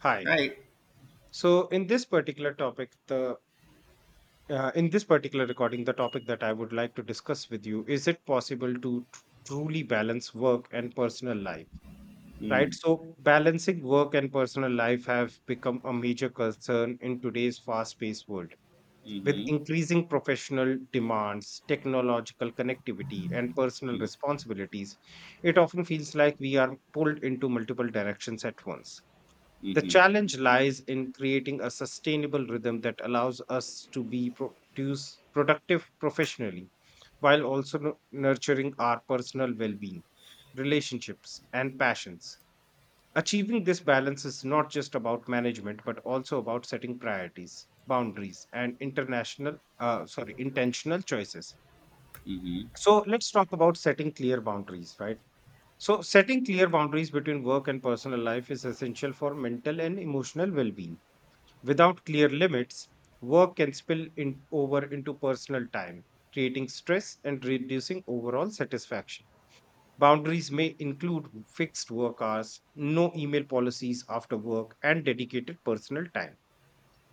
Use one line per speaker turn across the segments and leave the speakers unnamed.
Hi.
Right.
So in this particular topic, the in this particular recording, the topic that I would like to discuss with you is it possible to truly balance work and personal life? Right.
Mm,
So balancing work and personal life have become a major concern in today's fast-paced world. With
mm-hmm,
increasing professional demands, technological connectivity, and personal
mm,
responsibilities, it often feels like we are pulled into multiple directions at once. The
mm-hmm,
challenge lies in creating a sustainable rhythm that allows us to be productive professionally while also nurturing our personal well being, relationships, and passions. Achieving this balance is not just about management, but also about setting priorities, boundaries, and intentional choices.
mm-hmm.
So let's talk about setting clear boundaries, right? So setting clear boundaries between work and personal life is essential for mental and emotional well-being. Without clear limits, work can over into personal time, creating stress and reducing overall satisfaction. Boundaries may include fixed work hours, no email policies after work, and dedicated personal time.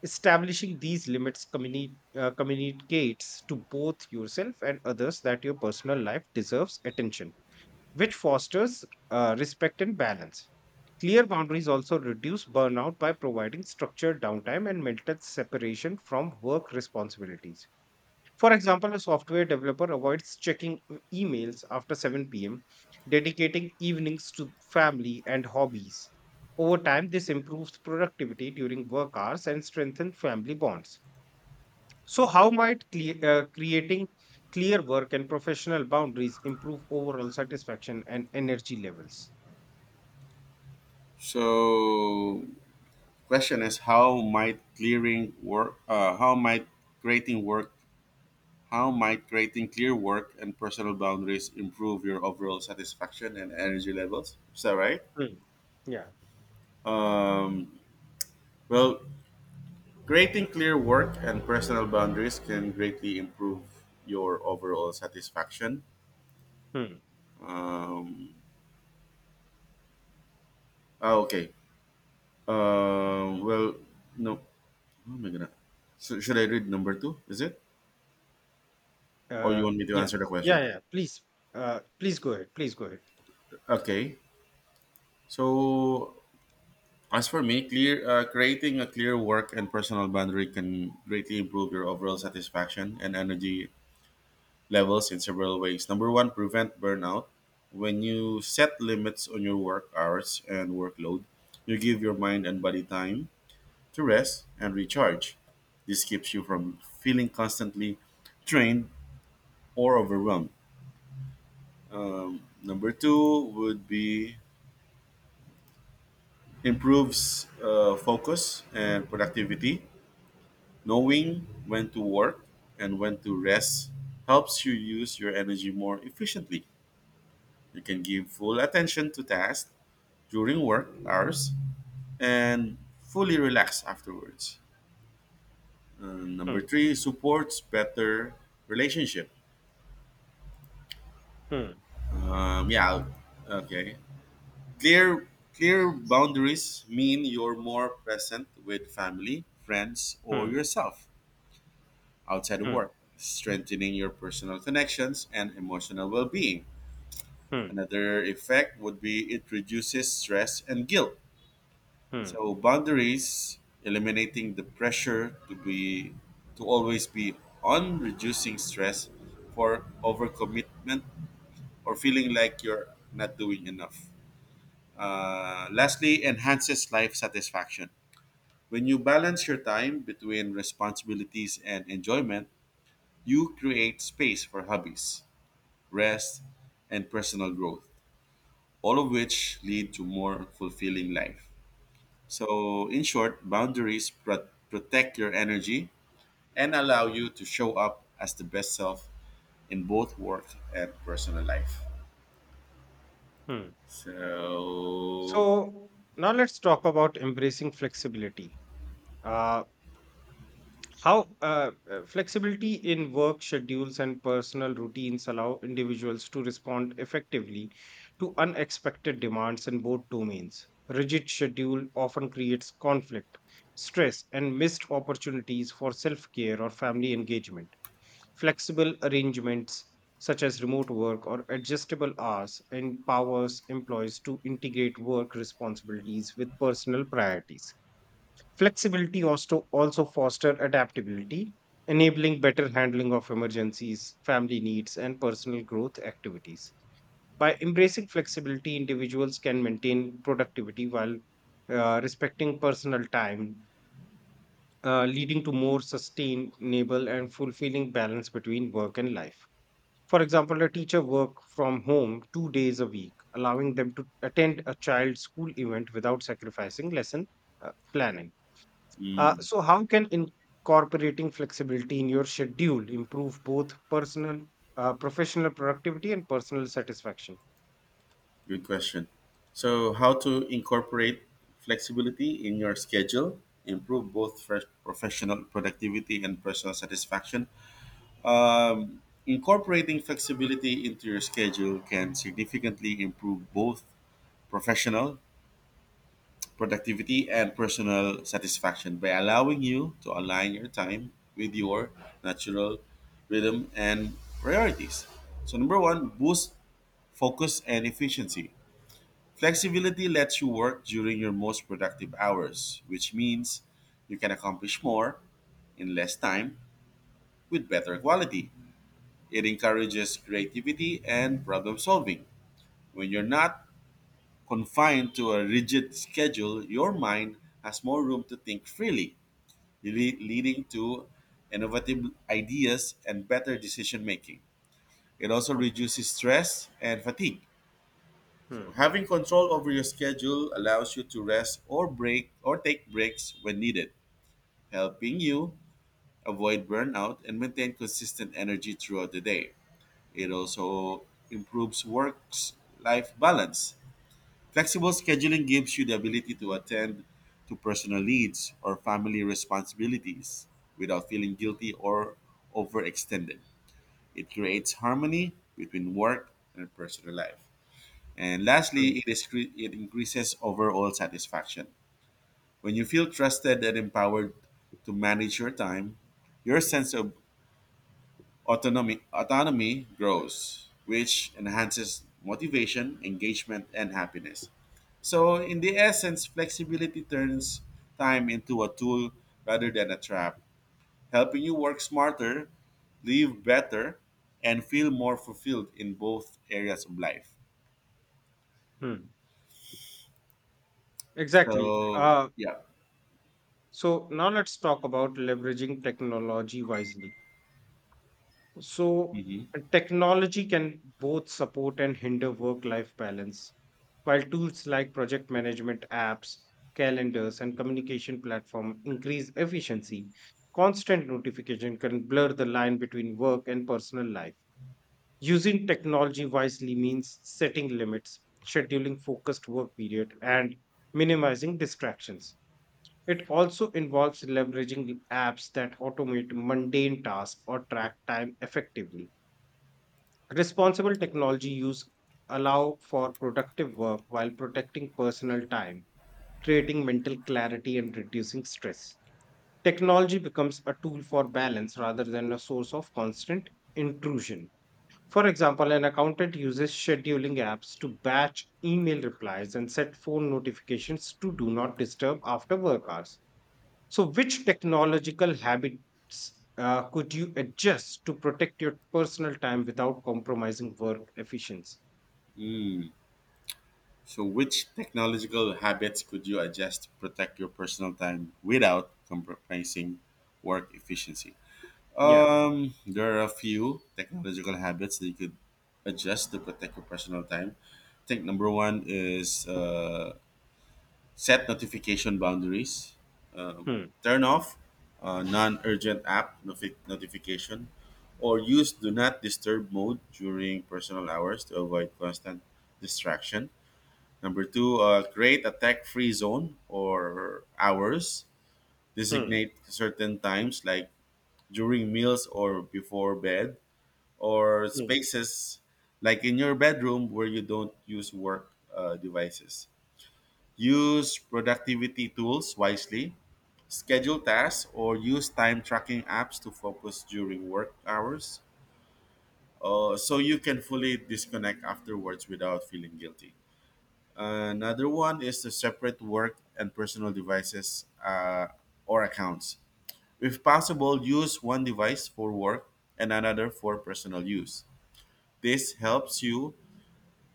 Establishing these limits communicates to both yourself and others that your personal life deserves attention, which fosters respect and balance. Clear boundaries also reduce burnout by providing structured downtime and mental separation from work responsibilities. For example, a software developer avoids checking emails after 7 p.m., dedicating evenings to family and hobbies. Over time, this improves productivity during work hours and strengthens family bonds. So, how might creating clear work and professional boundaries improve overall satisfaction and energy levels?
So, question is how might clearing work? How might creating work? How might creating clear work and personal boundaries improve your overall satisfaction and energy levels? Is that right?
Hmm. Yeah.
Um, well, creating clear work and personal boundaries can greatly improve your overall satisfaction.
Hmm.
Um, okay. Well, no. Oh my god. So should I read number two? Is it? Or you want me to
Yeah,
answer the
yeah,
question?
yeah. Please, please go ahead. Please go ahead.
Okay. So as for me, clear creating a clear work and personal boundary can greatly improve your overall satisfaction and energy levels in several ways. Number one, prevent burnout. When you set limits on your work hours and workload, you give your mind and body time to rest and recharge. This keeps you from feeling constantly drained or overwhelmed. Number two would be improves focus and productivity. Knowing when to work and when to rest helps you use your energy more efficiently. You can give full attention to tasks during work hours and fully relax afterwards. Number
Hmm,
three supports better relationship.
hmm,
Yeah. Okay. Clear clear boundaries mean you're more present with family, friends, or
hmm,
yourself outside of
hmm,
work, strengthening your personal connections and emotional well-being.
hmm,
Another effect would be it reduces stress and guilt.
hmm,
So boundaries eliminating the pressure to always be on reducing stress for overcommitment or feeling like you're not doing enough. Lastly, enhances life satisfaction. When you balance your time between responsibilities and enjoyment, you create space for hobbies, rest, and personal growth, all of which lead to more fulfilling life. So, in short, boundaries protect your energy and allow you to show up as the best self in both work and personal life.
hmm.
So,
So now let's talk about embracing flexibility. Uh, How Flexibility in work schedules and personal routines allow individuals to respond effectively to unexpected demands in both domains. Rigid schedule often creates conflict, stress, and missed opportunities for self care or family engagement. Flexible arrangements such as remote work or adjustable hours empowers employees to integrate work responsibilities with personal priorities. Flexibility also foster adaptability, enabling better handling of emergencies, family needs, and personal growth activities. By embracing flexibility, individuals can maintain productivity while respecting personal time, leading to more sustainable and fulfilling balance between work and life. For example, a teacher work from home two days a week, allowing them to attend a child's school event without sacrificing lesson planning. So, how can incorporating flexibility in your schedule improve both professional productivity and personal satisfaction?
Good question. So, how to incorporate flexibility in your schedule, improve both fresh professional productivity and personal satisfaction? Incorporating flexibility into your schedule can significantly improve both professional productivity and personal satisfaction by allowing you to align your time with your natural rhythm and priorities. So, number one, boost focus and efficiency. Flexibility lets you work during your most productive hours, which means you can accomplish more in less time with better quality. It encourages creativity and problem solving. When you're not confined to a rigid schedule, your mind has more room to think freely, leading to innovative ideas and better decision making. It also reduces stress and fatigue. So
Hmm.
having control over your schedule allows you to rest or break or take breaks when needed, helping you avoid burnout and maintain consistent energy throughout the day. It also improves work life balance. Flexible scheduling gives you the ability to attend to personal needs or family responsibilities without feeling guilty or overextended. It creates harmony between work and personal life. And lastly,
Hmm.
it increases overall satisfaction. When you feel trusted and empowered to manage your time, your sense of autonomy grows, which enhances motivation, engagement, and happiness. So, in the essence, flexibility turns time into a tool rather than a trap, helping you work smarter, live better, and feel more fulfilled in both areas of life.
Hmm. Exactly.
So,
Uh,
yeah.
so now let's talk about leveraging technology wisely. So,
Mhm.
technology can both support and hinder work life balance, while tools like project management apps, calendars, and communication platform increase efficiency. Constant notification can blur the line between work and personal life. Using technology wisely means setting limits, scheduling focused work period, and minimizing distractions. It also involves leveraging apps that automate mundane tasks or track time effectively. Responsible technology use allow for productive work while protecting personal time, creating mental clarity and reducing stress. Technology becomes a tool for balance rather than a source of constant intrusion. For example, an accountant uses scheduling apps to batch email replies and set phone notifications to do not disturb after work hours. So, which technological habits could you adjust to protect your personal time without compromising work efficiency?
So, which technological habits could you adjust to protect your personal time without compromising work efficiency?
Yeah.
There are a few technological habits that you could adjust to protect your personal time. I think number one is set notification boundaries.
Hmm.
Turn off non-urgent app notification, or use do not disturb mode during personal hours to avoid constant distraction. Number two, create tech free zone or hours.
Hmm.
Designate certain times like during meals or before bed or
Hmm.
spaces like in your bedroom where you don't use work devices. Use productivity tools wisely. Schedule tasks or use time tracking apps to focus during work hours so you can fully disconnect afterwards without feeling guilty. Another one is to separate work and personal devices or accounts. If possible, use one device for work and another for personal use. This helps you.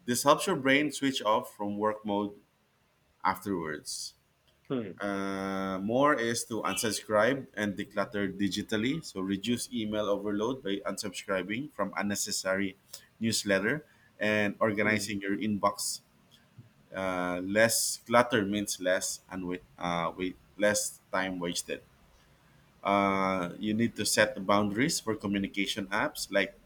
This helps your brain switch off from work mode afterwards.
Hmm.
More is to unsubscribe and declutter digitally. So reduce email overload by unsubscribing from unnecessary newsletter and
Hmm.
organizing your inbox. Less clutter means less and wait, wait, less time wasted. You need to set the boundaries for communication apps like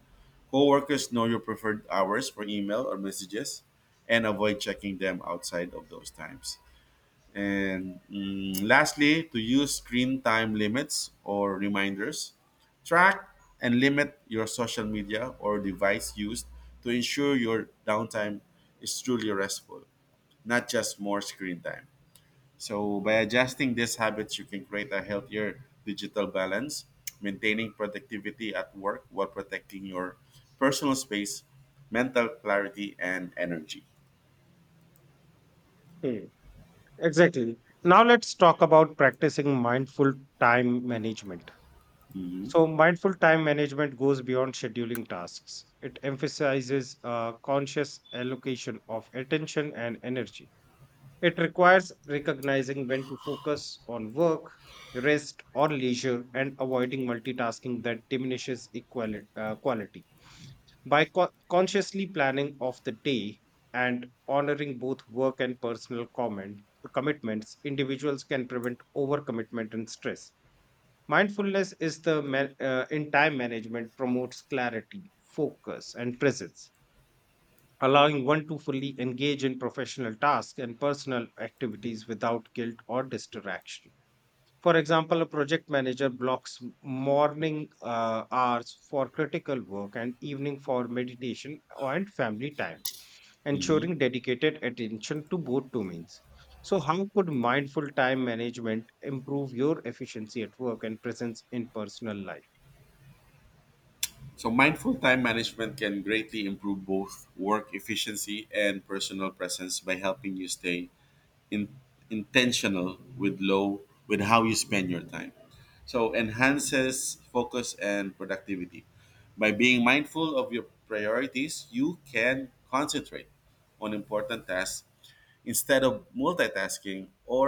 coworkers know your preferred hours for email or messages and avoid checking them outside of those times. And lastly, to use screen time limits or reminders, track and limit your social media or device used to ensure your downtime is truly restful, not just more screen time. So, by adjusting these habits, you can create a healthier digital balance, maintaining productivity at work while protecting your personal space, mental clarity, and energy.
Hmm. Exactly. Now, let's talk about practicing mindful time management.
Mhm.
So, mindful time management goes beyond scheduling tasks. It emphasizes conscious allocation of attention and energy. It requires recognizing when to focus on work, rest, or leisure and avoiding multitasking that diminishes quality. By consciously planning of the day and honoring both work and commitments, individuals can prevent overcommitment and stress. Mindfulness in time management promotes clarity, focus, and presence, allowing one to fully engage in professional tasks and personal activities without guilt or distraction. For example, a project manager blocks morning hours for critical work and evening for meditation and family time, ensuring dedicated attention to both domains. So, how could mindful time management improve your efficiency at work and presence in personal life?
So, mindful time management can greatly improve both work efficiency and personal presence by helping you stay in, intentional with how you spend your time. So enhances focus and productivity. By being mindful of your priorities, you can concentrate on important tasks instead of multitasking or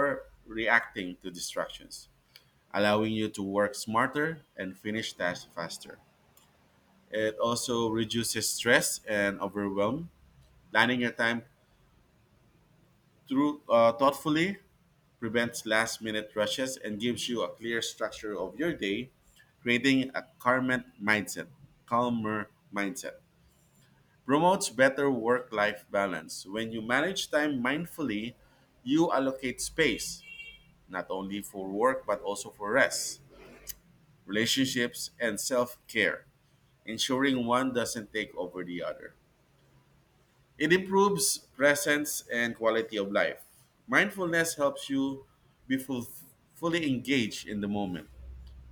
reacting to distractions, allowing you to work smarter and finish tasks faster. It also reduces stress and overwhelm. Planning your time through thoughtfully prevents last-minute rushes and gives you a clear structure of your day, creating a calmer mindset. Calmer mindset promotes better work-life balance. When you manage time mindfully, you allocate space not only for work but also for rest, relationships, and self-care, ensuring one doesn't take over the other. It improves presence and quality of life. Mindfulness helps you be full, fully engaged in the moment.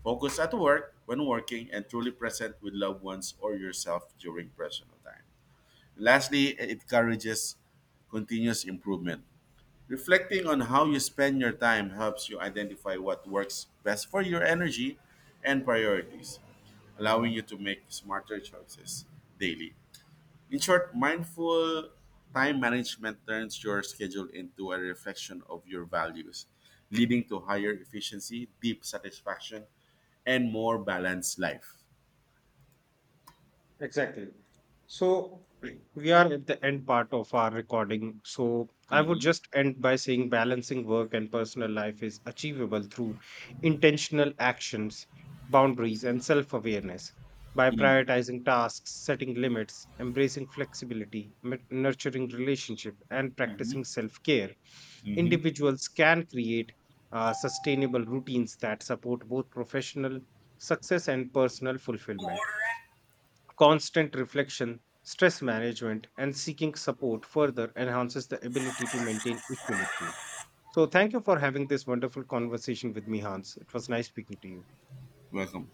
Focus at work when working and truly present with loved ones or yourself during personal time. Lastly, it encourages continuous improvement. Reflecting on how you spend your time helps you identify what works best for your energy and priorities, allowing you to make smarter choices daily. In short, mindful time management turns your schedule into a reflection of your values, leading to higher efficiency, deep satisfaction, and more balanced life.
Exactly. So we are at the end part of our recording. So I would
Mm-hmm.
just end by saying balancing work and personal life is achievable through intentional actions, boundaries, and self awareness. By
Mm-hmm.
prioritizing tasks, setting limits, embracing flexibility, nurturing relationship, and
Mm-hmm.
practicing self care,
Mm-hmm.
individuals can create sustainable routines that support both professional success and personal fulfillment. Constant reflection, stress management, and seeking support further enhances the ability to maintain equilibrium. So, thank you for having this wonderful conversation with me, Hans. It was nice speaking to you.
Welcome.